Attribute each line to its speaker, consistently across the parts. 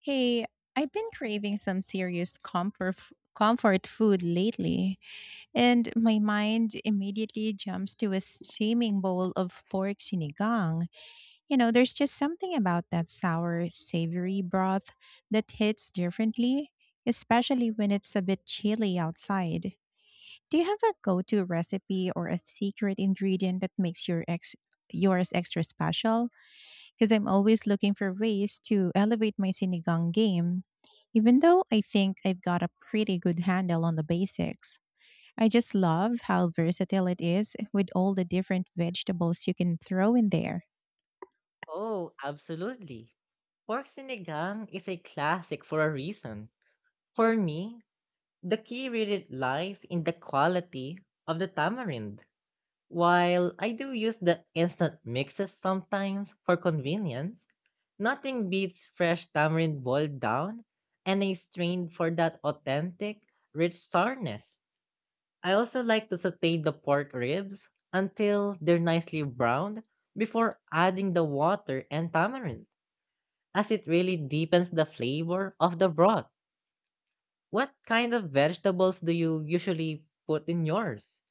Speaker 1: Hey, I've been craving some serious comfort food lately, and my mind immediately jumps to a steaming bowl of pork sinigang. There's just something about that sour, savory broth that hits differently, especially when it's a bit chilly outside. Do you have a go-to recipe or a secret ingredient that makes yours extra special? Because I'm always looking for ways to elevate my sinigang game. Even though I think I've got a pretty good handle on the basics, I just love how versatile it is with all the different vegetables you can throw in there.
Speaker 2: Oh, absolutely. Pork sinigang is a classic for a reason. For me, the key really lies in the quality of the tamarind. While I do use the instant mixes sometimes for convenience, nothing beats fresh tamarind boiled down and a strain for that authentic, rich sourness. I also like to saute the pork ribs until they're nicely browned before adding the water and tamarind as it really deepens the flavor of the broth. What kind of vegetables do you usually put in yours?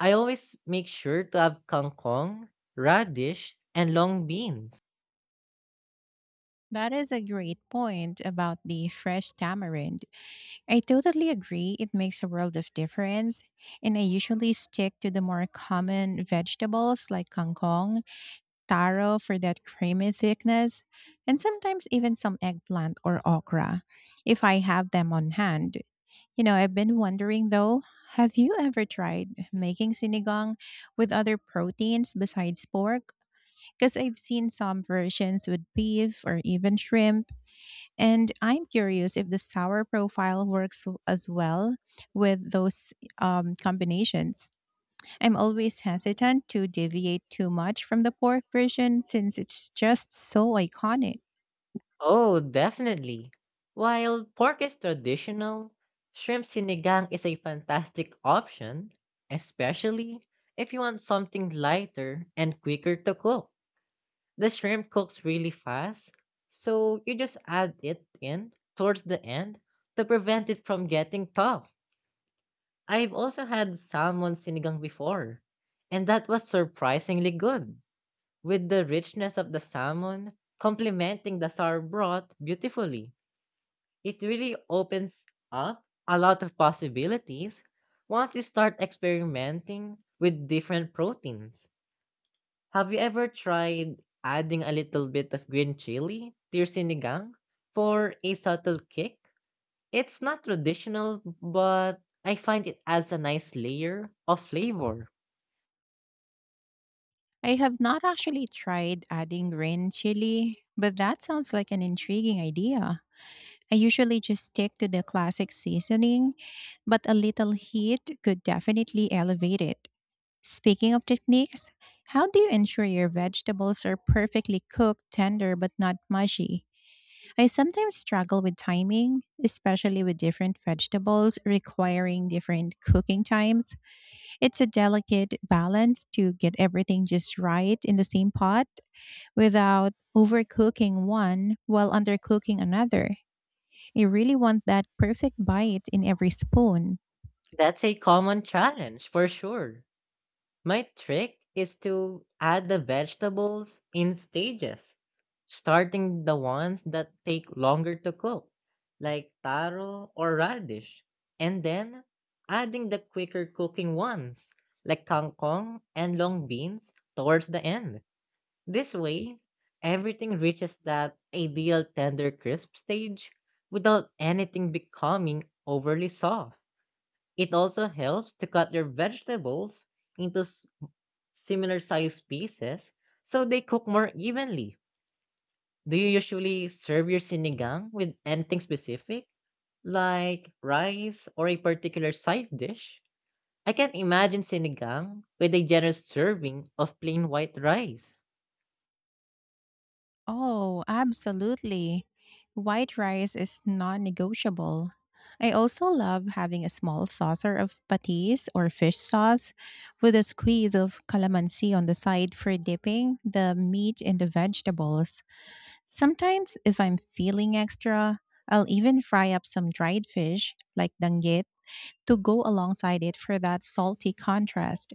Speaker 2: I always make sure to have kangkong, radish, and long beans.
Speaker 1: That is a great point about the fresh tamarind. I totally agree. It makes a world of difference. And I usually stick to the more common vegetables like kangkong, taro for that creamy thickness, and sometimes even some eggplant or okra if I have them on hand. I've been wondering though, have you ever tried making sinigang with other proteins besides pork? Because I've seen some versions with beef or even shrimp, and I'm curious if the sour profile as well with those combinations. I'm always hesitant to deviate too much from the pork version since it's just so iconic.
Speaker 2: Oh, definitely. While pork is traditional, shrimp sinigang is a fantastic option, especially if you want something lighter and quicker to cook. The shrimp cooks really fast, so you just add it in towards the end to prevent it from getting tough. I've also had salmon sinigang before, and that was surprisingly good, with the richness of the salmon complementing the sour broth beautifully. It really opens up a lot of possibilities once you start experimenting with different proteins. Have you ever tried adding a little bit of green chili to your sinigang for a subtle kick? It's not traditional, but I find it adds a nice layer of flavor.
Speaker 1: I have not actually tried adding green chili, but that sounds like an intriguing idea. I usually just stick to the classic seasoning, but a little heat could definitely elevate it. Speaking of techniques, how do you ensure your vegetables are perfectly cooked, tender, but not mushy? I sometimes struggle with timing, especially with different vegetables requiring different cooking times. It's a delicate balance to get everything just right in the same pot without overcooking one while undercooking another. You really want that perfect bite in every spoon.
Speaker 2: That's a common challenge for sure. My trick is to add the vegetables in stages, starting the ones that take longer to cook, like taro or radish, and then adding the quicker cooking ones, like kangkong and long beans, towards the end. This way, everything reaches that ideal tender crisp stage without anything becoming overly soft. It also helps to cut your vegetables into similar sized pieces, so they cook more evenly. Do you usually serve your sinigang with anything specific, like rice or a particular side dish? I can imagine sinigang with a generous serving of plain white rice.
Speaker 1: Oh, absolutely. White rice is non negotiable. I also love having a small saucer of patis or fish sauce with a squeeze of calamansi on the side for dipping the meat and the vegetables. Sometimes, if I'm feeling extra, I'll even fry up some dried fish like danggit to go alongside it for that salty contrast.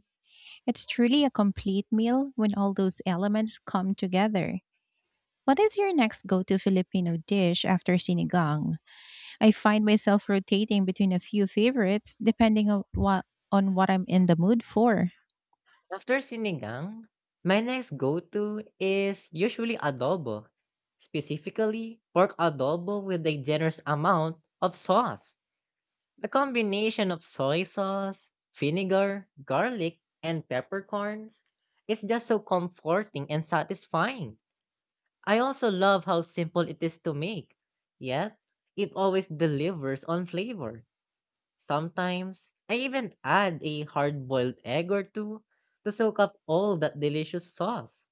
Speaker 1: It's truly a complete meal when all those elements come together. What is your next go to Filipino dish after sinigang? I find myself rotating between a few favorites depending on what I'm in the mood for.
Speaker 2: After sinigang, my next go-to is usually adobo, specifically pork adobo with a generous amount of sauce. The combination of soy sauce, vinegar, garlic, and peppercorns is just so comforting and satisfying. I also love how simple it is to make, yet it always delivers on flavor. Sometimes I even add a hard boiled egg or two to soak up all that delicious sauce.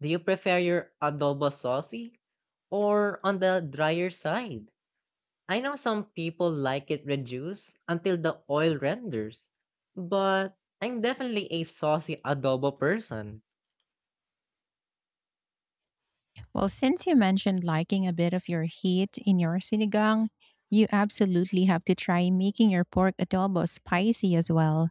Speaker 2: Do you prefer your adobo saucy or on the drier side? I know some people like it reduced until the oil renders, but I'm definitely a saucy adobo person.
Speaker 1: Well, since you mentioned liking a bit of your heat in your sinigang, you absolutely have to try making your pork adobo spicy as well.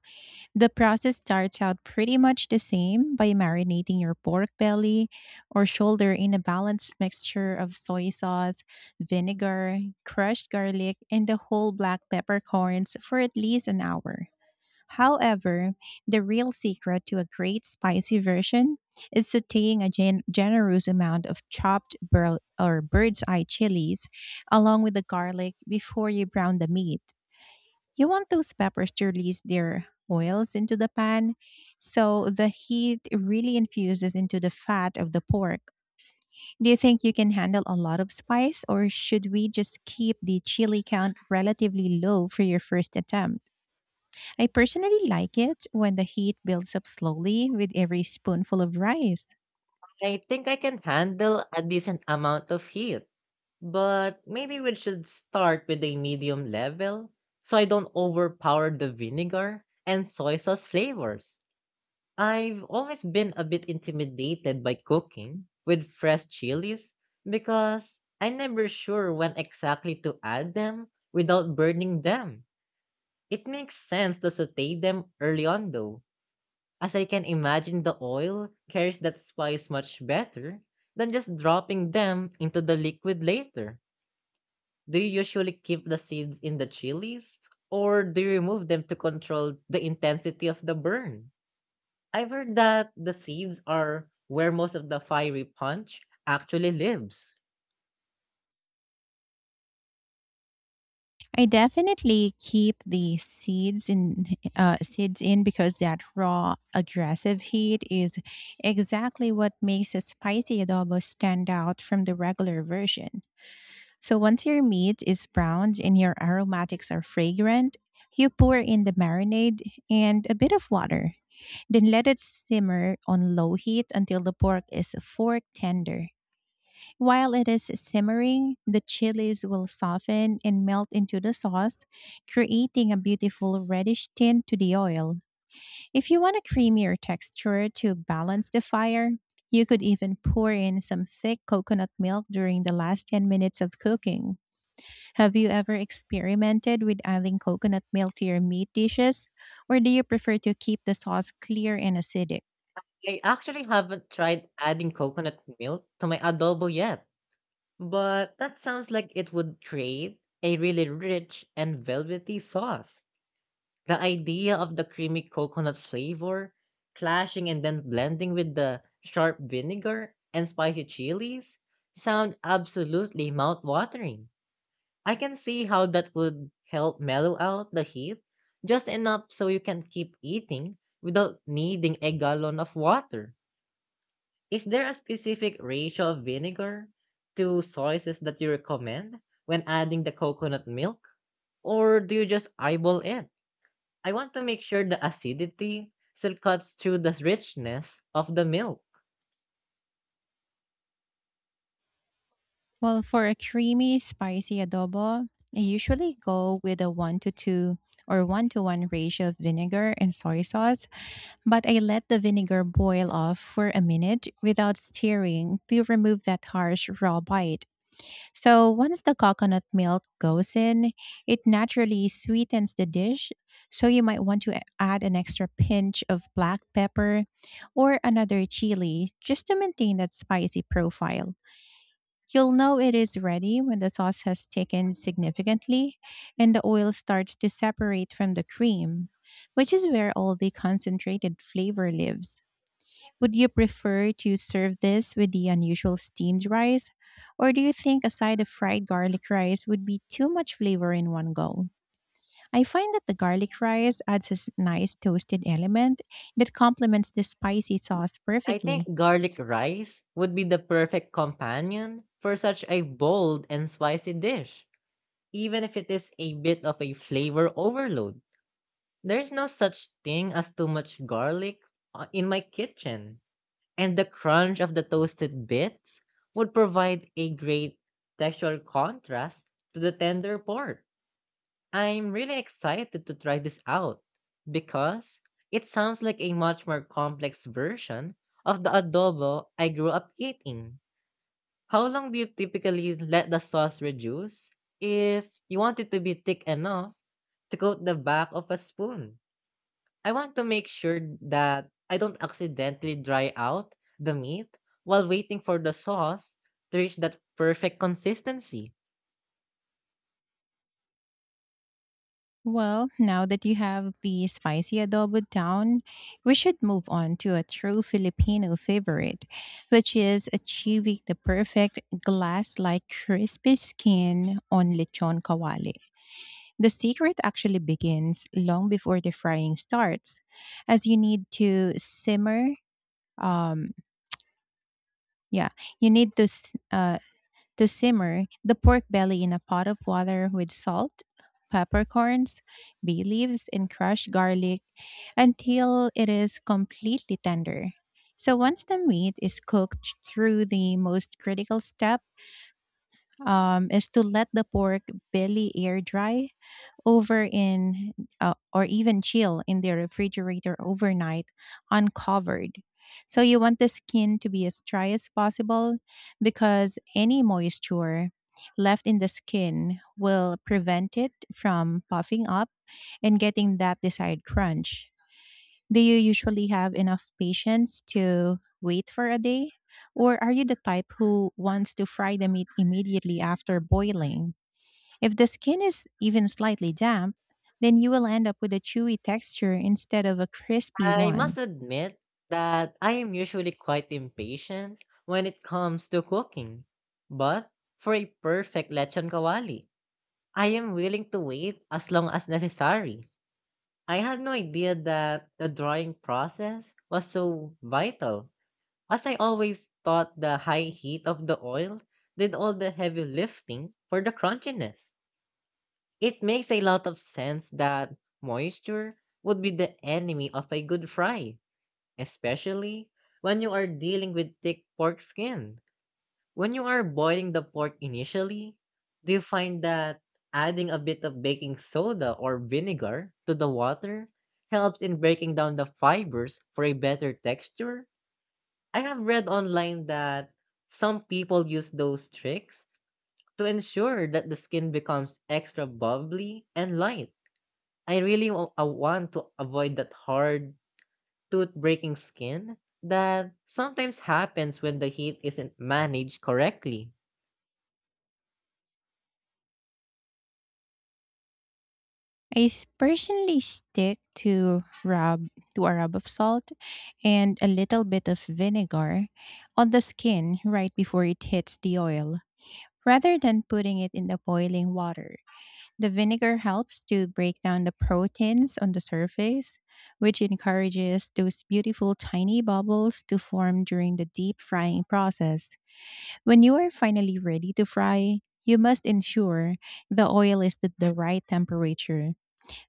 Speaker 1: The process starts out pretty much the same by marinating your pork belly or shoulder in a balanced mixture of soy sauce, vinegar, crushed garlic, and the whole black peppercorns for at least an hour. However, the real secret to a great spicy version is sauteing a generous amount of chopped bur- or bird's eye chilies along with the garlic before you brown the meat. You want those peppers to release their oils into the pan so the heat really infuses into the fat of the pork. Do you think you can handle a lot of spice, or should we just keep the chili count relatively low for your first attempt? I personally like it when the heat builds up slowly with every spoonful of rice.
Speaker 2: I think I can handle a decent amount of heat, but maybe we should start with a medium level so I don't overpower the vinegar and soy sauce flavors. I've always been a bit intimidated by cooking with fresh chilies because I'm never sure when exactly to add them without burning them. It makes sense to saute them early on though, as I can imagine the oil carries that spice much better than just dropping them into the liquid later. Do you usually keep the seeds in the chilies or do you remove them to control the intensity of the burn? I've heard that the seeds are where most of the fiery punch actually lives.
Speaker 1: I definitely keep the seeds in because that raw, aggressive heat is exactly what makes a spicy adobo stand out from the regular version. So once your meat is browned and your aromatics are fragrant, you pour in the marinade and a bit of water. Then let it simmer on low heat until the pork is fork tender. While it is simmering, the chilies will soften and melt into the sauce, creating a beautiful reddish tint to the oil. If you want a creamier texture to balance the fire, you could even pour in some thick coconut milk during the last 10 minutes of cooking. Have you ever experimented with adding coconut milk to your meat dishes, or do you prefer to keep the sauce clear and acidic?
Speaker 2: I actually haven't tried adding coconut milk to my adobo yet, but that sounds like it would create a really rich and velvety sauce. The idea of the creamy coconut flavor clashing and then blending with the sharp vinegar and spicy chilies sound absolutely mouth-watering. I can see how that would help mellow out the heat just enough so you can keep eating without needing a gallon of water. Is there a specific ratio of vinegar to sauces that you recommend when adding the coconut milk? Or do you just eyeball it? I want to make sure the acidity still cuts through the richness of the milk.
Speaker 1: Well, for a creamy, spicy adobo, I usually go with a 1 to 2 or 1 to 1 ratio of vinegar and soy sauce, but I let the vinegar boil off for a minute without stirring to remove that harsh, raw bite. So once the coconut milk goes in, it naturally sweetens the dish. So you might want to add an extra pinch of black pepper or another chili just to maintain that spicy profile. You'll know it is ready when the sauce has thickened significantly and the oil starts to separate from the cream, which is where all the concentrated flavor lives. Would you prefer to serve this with the unusual steamed rice, or do you think a side of fried garlic rice would be too much flavor in one go? I find that the garlic rice adds a nice toasted element that complements the spicy sauce
Speaker 2: I
Speaker 1: perfectly.
Speaker 2: think garlic rice would be the perfect companion for such a bold and spicy dish, even if it is a bit of a flavor overload. There's no such thing as too much garlic, in my kitchen. And the crunch of the toasted bits would provide a great textural contrast to the tender pork. I'm really excited to try this out because it sounds like a much more complex version of the adobo I grew up eating. How long do you typically let the sauce reduce if you want it to be thick enough to coat the back of a spoon? I want to make sure that I don't accidentally dry out the meat while waiting for the sauce to reach that perfect consistency.
Speaker 1: Well, now that you have the spicy adobo down, we should move on to a true Filipino favorite, which is achieving the perfect glass like crispy skin on lechon kawali. The secret actually begins long before the frying starts, as you need to simmer. Um, yeah, you need to simmer the pork belly in a pot of water with salt, peppercorns, bay leaves, and crushed garlic until it is completely tender. So once the meat is cooked through, the most critical step is to let the pork belly air dry over in or even chill in the refrigerator overnight, uncovered. So you want the skin to be as dry as possible, because any moisture left in the skin will prevent it from puffing up and getting that desired crunch. Do you usually have enough patience to wait for a day? Or are you the type who wants to fry the meat immediately after boiling? If the skin is even slightly damp, then you will end up with a chewy texture instead of a crispy
Speaker 2: I must
Speaker 1: one.
Speaker 2: admit that I am usually quite impatient when it comes to cooking. But for a perfect lechon kawali, I am willing to wait as long as necessary. I had no idea that the drying process was so vital, as I always thought the high heat of the oil did all the heavy lifting for the crunchiness. It makes a lot of sense that moisture would be the enemy of a good fry, especially when you are dealing with thick pork skin. When you are boiling the pork initially, do you find that adding a bit of baking soda or vinegar to the water helps in breaking down the fibers for a better texture? I have read online that some people use those tricks to ensure that the skin becomes extra bubbly and light. I want to avoid that hard, tooth breaking skin that sometimes happens when the heat isn't managed correctly.
Speaker 1: I personally stick to a rub of salt and a little bit of vinegar on the skin right before it hits the oil, rather than putting it in the boiling water. The vinegar helps to break down the proteins on the surface, which encourages those beautiful tiny bubbles to form during the deep frying process. When you are finally ready to fry, you must ensure the oil is at the right temperature,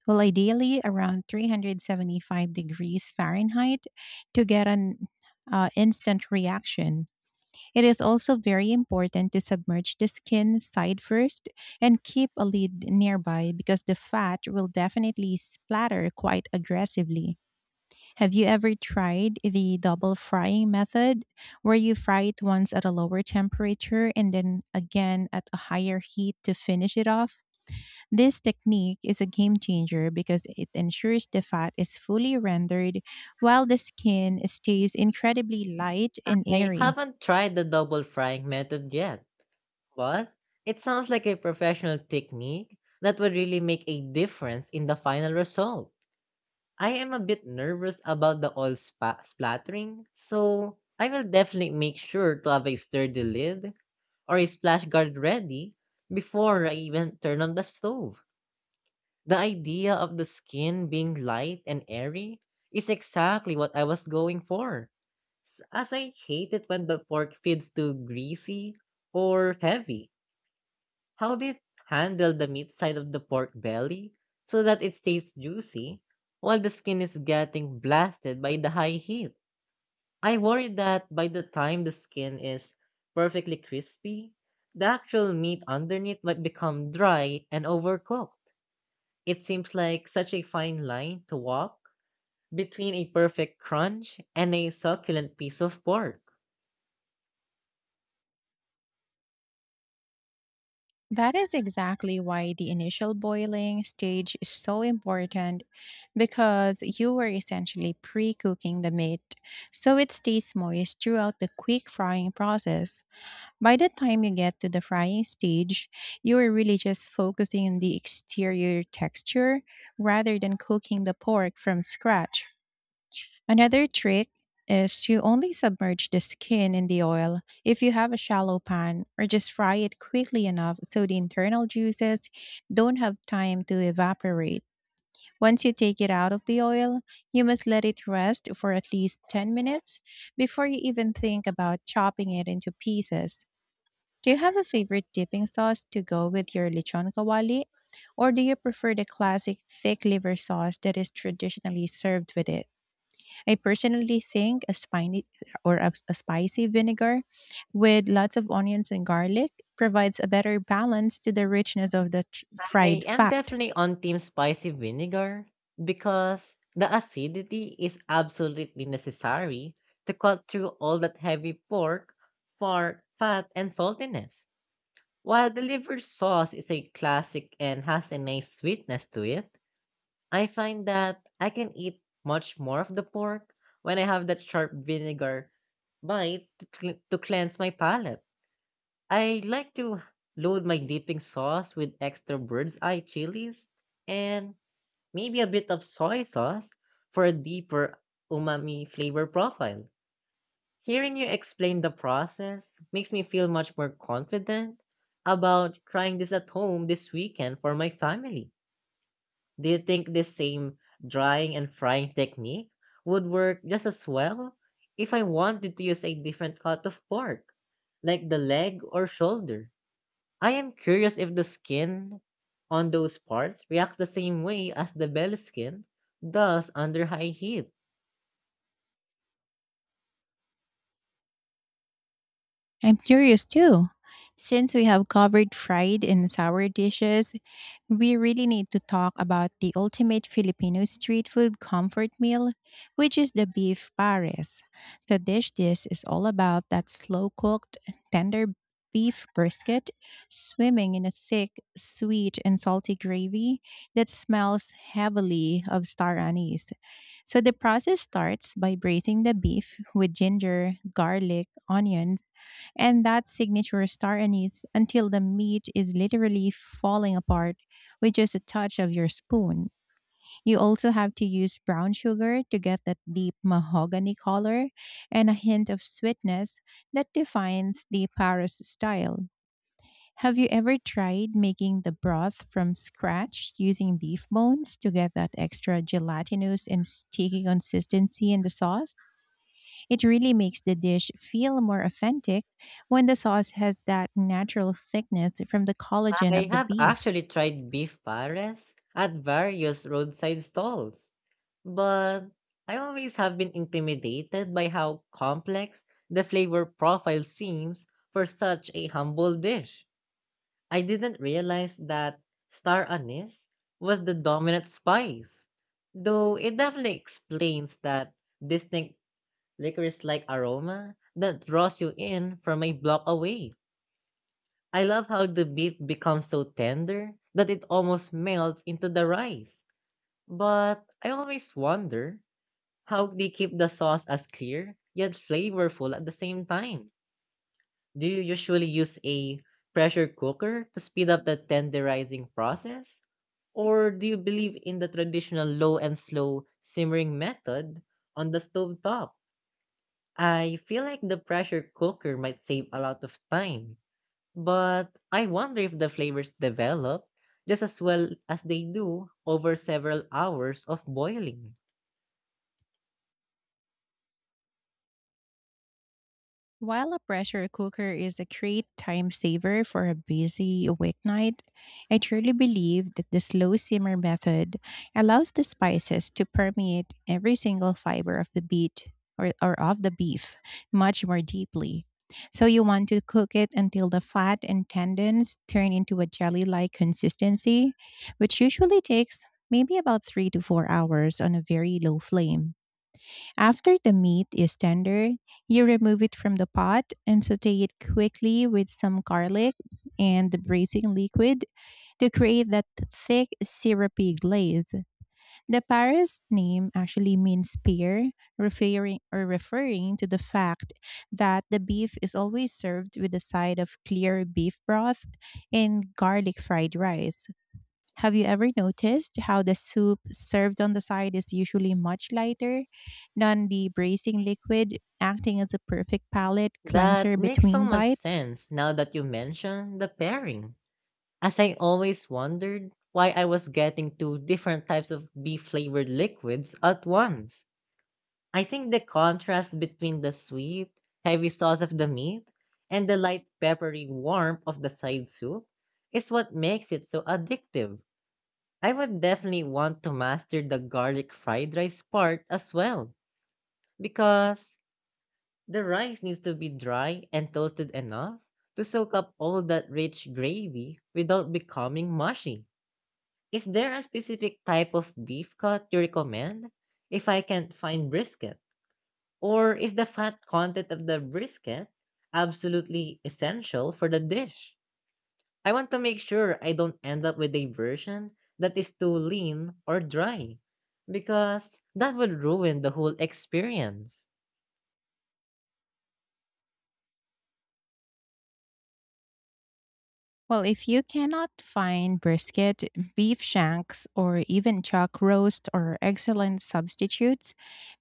Speaker 1: well, ideally around 375 degrees Fahrenheit, to get an instant reaction. It is also very important to submerge the skin side first and keep a lid nearby, because the fat will definitely splatter quite aggressively. Have you ever tried the double frying method, where you fry it once at a lower temperature and then again at a higher heat to finish it off? This technique is a game changer because it ensures the fat is fully rendered while the skin stays incredibly light and
Speaker 2: I
Speaker 1: airy.
Speaker 2: haven't tried the double frying method yet, but it sounds like a professional technique that would really make a difference in the final result. I am a bit nervous about the oil splattering, so I will definitely make sure to have a sturdy lid or a splash guard ready before I even turn on the stove. The idea of the skin being light and airy is exactly what I was going for, as I hate it when the pork feels too greasy or heavy. How do you handle the meat side of the pork belly so that it stays juicy while the skin is getting blasted by the high heat? I worry that by the time the skin is perfectly crispy, the actual meat underneath might become dry and overcooked. It seems like such a fine line to walk between a perfect crunch and a succulent piece of pork.
Speaker 1: That is exactly why the initial boiling stage is so important, because you were essentially pre cooking the meat, so it stays moist throughout the quick frying process. By the time you get to the frying stage, you are really just focusing on the exterior texture rather than cooking the pork from scratch. Another trick is to only submerge the skin in the oil if you have a shallow pan, or just fry it quickly enough so the internal juices don't have time to evaporate. Once you take it out of the oil, you must let it rest for at least 10 minutes before you even think about chopping it into pieces. Do you have a favorite dipping sauce to go with your lechon kawali? Or do you prefer the classic thick liver sauce that is traditionally served with it? I personally think a spiny or a spicy vinegar with lots of onions and garlic provides a better balance to the richness of the fried
Speaker 2: I am
Speaker 1: fat.
Speaker 2: definitely on team spicy vinegar because the acidity is absolutely necessary to cut through all that heavy pork for fat and saltiness. While the liver sauce is a classic and has a nice sweetness to it, I find that I can eat much more of the pork when I have that sharp vinegar bite to cleanse my palate. I like to load my dipping sauce with extra bird's eye chilies and maybe a bit of soy sauce for a deeper umami flavor profile. Hearing you explain the process makes me feel much more confident about trying this at home this weekend for my family. Do you think this same drying and frying technique would work just as well if I wanted to use a different cut of pork, like the leg or shoulder? I am curious if the skin on those parts reacts the same way as the bell skin does under high heat.
Speaker 1: I'm curious too. Since we have covered fried and sour dishes, we really need to talk about the ultimate Filipino street food comfort meal, which is the beef pares. The dish This is all about that slow cooked, tender beef brisket swimming in a thick, sweet, and salty gravy that smells heavily of star anise. So the process starts by braising the beef with ginger, garlic, onions, and that signature star anise until the meat is literally falling apart with just a touch of your spoon. You also have to use brown sugar to get that deep mahogany color and a hint of sweetness that defines the Paris style. Have you ever tried making the broth from scratch using beef bones to get that extra gelatinous and sticky consistency in the sauce? It really makes the dish feel more authentic when the sauce has that natural thickness from the collagen
Speaker 2: I
Speaker 1: of the
Speaker 2: have
Speaker 1: beef.
Speaker 2: actually tried beef pares at various roadside stalls, but I always have been intimidated by how complex the flavor profile seems for such a humble dish. I didn't realize that star anise was the dominant spice, though it definitely explains that distinct licorice-like aroma that draws you in from a block away. I love how the beef becomes so tender that it almost melts into the rice. But I always wonder how they keep the sauce as clear yet flavorful at the same time. Do you usually use a pressure cooker to speed up the tenderizing process? Or do you believe in the traditional low and slow simmering method on the stove top? I feel like the pressure cooker might save a lot of time, but I wonder if the flavors develop just as well as they do over several hours of boiling.
Speaker 1: While a pressure cooker is a great time saver for a busy weeknight, I truly believe that the slow simmer method allows the spices to permeate every single fiber of the beet or of the beef much more deeply. So you want to cook it until the fat and tendons turn into a jelly-like consistency, which usually takes maybe about 3 to 4 hours on a very low flame. After the meat is tender, you remove it from the pot and saute it quickly with some garlic and the braising liquid to create that thick, syrupy glaze. The Paris name actually means spear, referring to the fact that the beef is always served with a side of clear beef broth and garlic fried rice. Have you ever noticed how the soup served on the side is usually much lighter than the bracing liquid, acting as a perfect palate cleanser
Speaker 2: That makes so
Speaker 1: between
Speaker 2: much
Speaker 1: bites?
Speaker 2: sense now that you mention the pairing, as I always wondered why I was getting two different types of beef flavored liquids at once. I think the contrast between the sweet, heavy sauce of the meat and the light, peppery warmth of the side soup is what makes it so addictive. I would definitely want to master the garlic fried rice part as well because the rice needs to be dry and toasted enough to soak up all that rich gravy without becoming mushy. Is there a specific type of beef cut you recommend if I can't find brisket? Or is the fat content of the brisket absolutely essential for the dish? I want to make sure I don't end up with a version that is too lean or dry, because that would ruin the whole experience.
Speaker 1: Well, if you cannot find brisket, beef shanks, or even chuck roast are excellent substitutes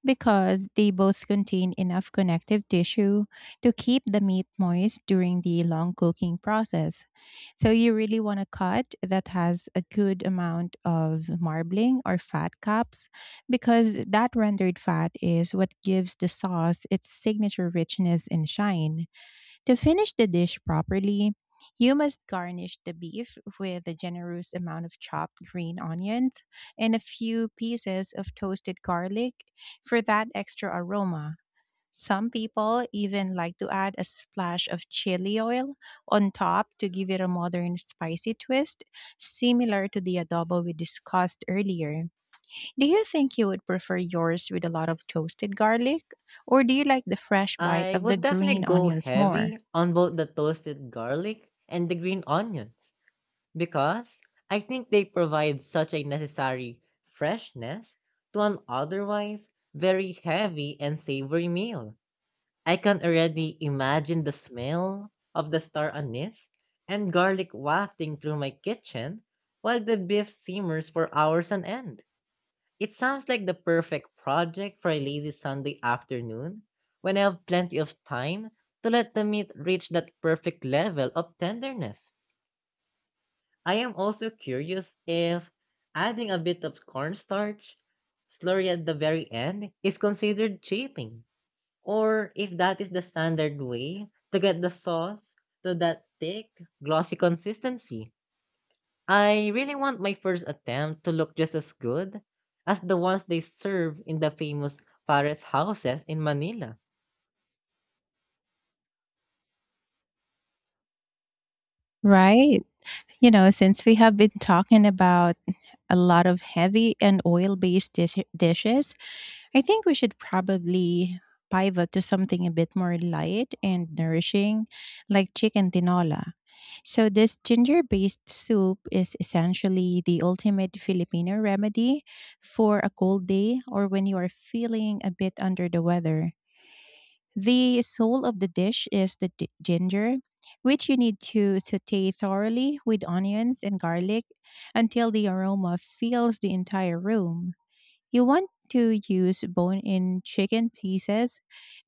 Speaker 1: because they both contain enough connective tissue to keep the meat moist during the long cooking process. So, you really want a cut that has a good amount of marbling or fat caps, because that rendered fat is what gives the sauce its signature richness and shine. To finish the dish properly, you must garnish the beef with a generous amount of chopped green onions and a few pieces of toasted garlic for that extra aroma. Some people even like to add a splash of chili oil on top to give it a modern spicy twist, similar to the adobo we discussed earlier. Do you think you would prefer yours with a lot of toasted garlic, or do you like the fresh bite
Speaker 2: I
Speaker 1: of the
Speaker 2: would
Speaker 1: green
Speaker 2: definitely go
Speaker 1: onions more?
Speaker 2: heavy on both the toasted garlic and the green onions, because I think they provide such a necessary freshness to an otherwise very heavy and savory meal. I can already imagine the smell of the star anise and garlic wafting through my kitchen while the beef simmers for hours on end. It sounds like the perfect project for a lazy Sunday afternoon when I have plenty of time to let the meat reach that perfect level of tenderness. I am also curious if adding a bit of cornstarch slurry at the very end is considered cheating or if that is the standard way to get the sauce to that thick, glossy consistency. I really want my first attempt to look just as good as the ones they serve in the famous Fares houses in Manila.
Speaker 1: Right. You know, since we have been talking about a lot of heavy and oil based dishes, I think we should probably pivot to something a bit more light and nourishing, like chicken tinola. So, this ginger based soup is essentially the ultimate Filipino remedy for a cold day, or when you are feeling a bit under the weather. The soul of the dish is the ginger, which you need to saute thoroughly with onions and garlic until the aroma fills the entire room. You want to use bone-in chicken pieces,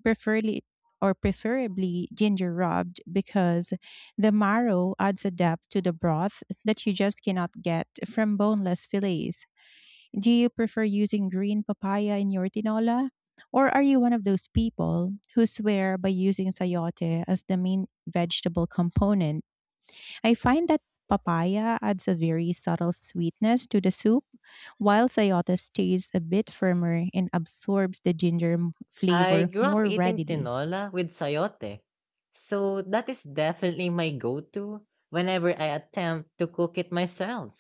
Speaker 1: preferably preferably ginger rubbed, because the marrow adds a depth to the broth that you just cannot get from boneless fillets. Do you prefer using green papaya in your tinola? Or are you one of those people who swear by using sayote as the main vegetable component? I find that papaya adds a very subtle sweetness to the soup, while sayote stays a bit firmer and absorbs the ginger
Speaker 2: I
Speaker 1: flavor
Speaker 2: grew up
Speaker 1: more
Speaker 2: eating
Speaker 1: readily.
Speaker 2: tinola with sayote, so that is definitely my go-to whenever I attempt to cook it myself.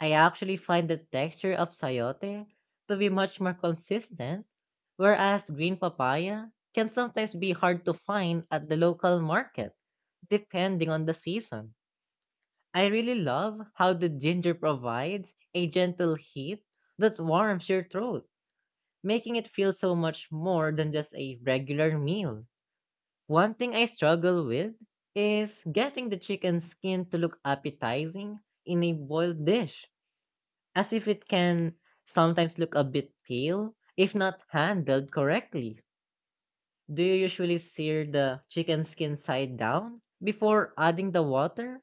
Speaker 2: I actually find the texture of sayote to be much more consistent, whereas green papaya can sometimes be hard to find at the local market, depending on the season. I really love how the ginger provides a gentle heat that warms your throat, making it feel so much more than just a regular meal. One thing I struggle with is getting the chicken skin to look appetizing in a boiled dish, as if it can sometimes look a bit pale if not handled correctly. Do you usually sear the chicken skin side down before adding the water?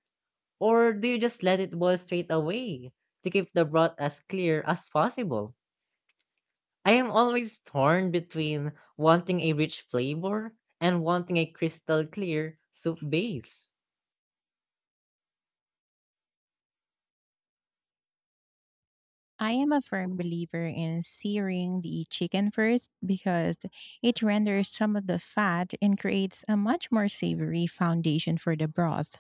Speaker 2: Or do you just let it boil straight away to keep the broth as clear as possible? I am always torn between wanting a rich flavor and wanting a crystal clear soup base.
Speaker 1: I am a firm believer in searing the chicken first, because it renders some of the fat and creates a much more savory foundation for the broth.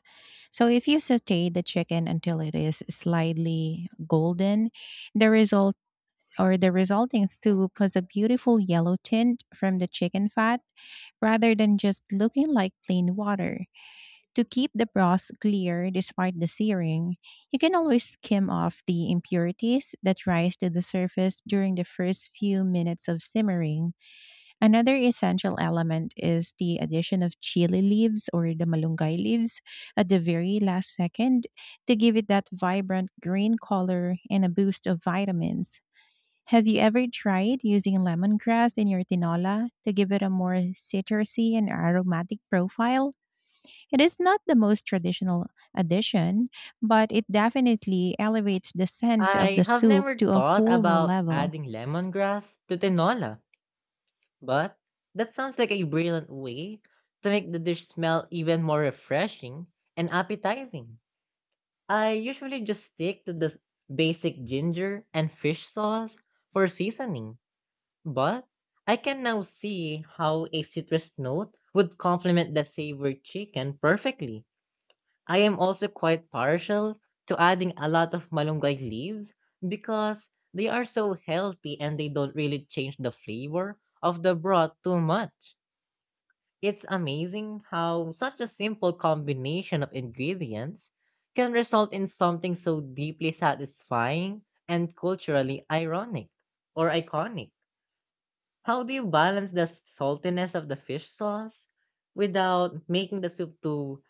Speaker 1: So, if you saute the chicken until it is slightly golden, the result the resulting soup has a beautiful yellow tint from the chicken fat, rather than just looking like plain water. To keep the broth clear despite the searing, you can always skim off the impurities that rise to the surface during the first few minutes of simmering. Another essential element is the addition of chili leaves or the malunggay leaves at the very last second, to give it that vibrant green color and a boost of vitamins. Have you ever tried using lemongrass in your tinola to give it a more citrusy and aromatic profile? It is not the most traditional addition, but it definitely elevates the scent of the
Speaker 2: I have
Speaker 1: soup
Speaker 2: never
Speaker 1: to a
Speaker 2: thought
Speaker 1: whole new
Speaker 2: about
Speaker 1: level.
Speaker 2: adding lemongrass to tinola, but that sounds like a brilliant way to make the dish smell even more refreshing and appetizing. I usually just stick to the basic ginger and fish sauce for seasoning, but I can now see how a citrus note would complement the savory chicken perfectly. I am also quite partial to adding a lot of malunggay leaves because they are so healthy and they don't really change the flavor of the broth too much. It's amazing how such a simple combination of ingredients can result in something so deeply satisfying and culturally ironic or iconic. How do you balance the saltiness of the fish sauce without making the soup too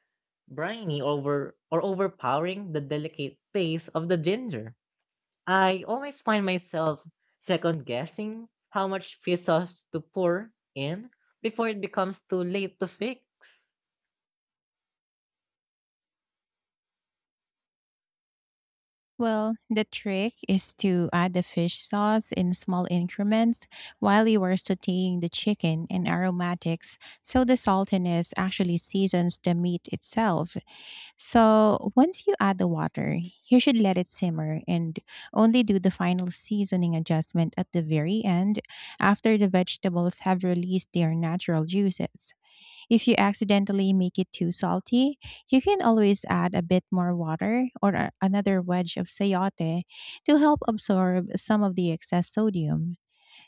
Speaker 2: briny, over or overpowering the delicate taste of the ginger? I always find myself second guessing how much fish sauce to pour in before it becomes too late to fix.
Speaker 1: Well, the trick is to add the fish sauce in small increments while you are sauteing the chicken and aromatics, so the saltiness actually seasons the meat itself. So once you add the water, you should let it simmer and only do the final seasoning adjustment at the very end, after the vegetables have released their natural juices. If you accidentally make it too salty, you can always add a bit more water, or another wedge of sayote to help absorb some of the excess sodium.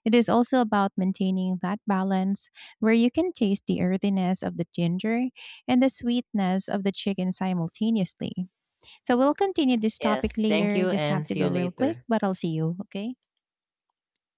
Speaker 1: It is also about maintaining that balance where you can taste the earthiness of the ginger and the sweetness of the chicken simultaneously. So we'll continue this topic
Speaker 2: Yes, thank
Speaker 1: later.
Speaker 2: you
Speaker 1: Just have
Speaker 2: and
Speaker 1: to
Speaker 2: see
Speaker 1: go
Speaker 2: you
Speaker 1: real quick,
Speaker 2: later.
Speaker 1: but I'll see you, okay?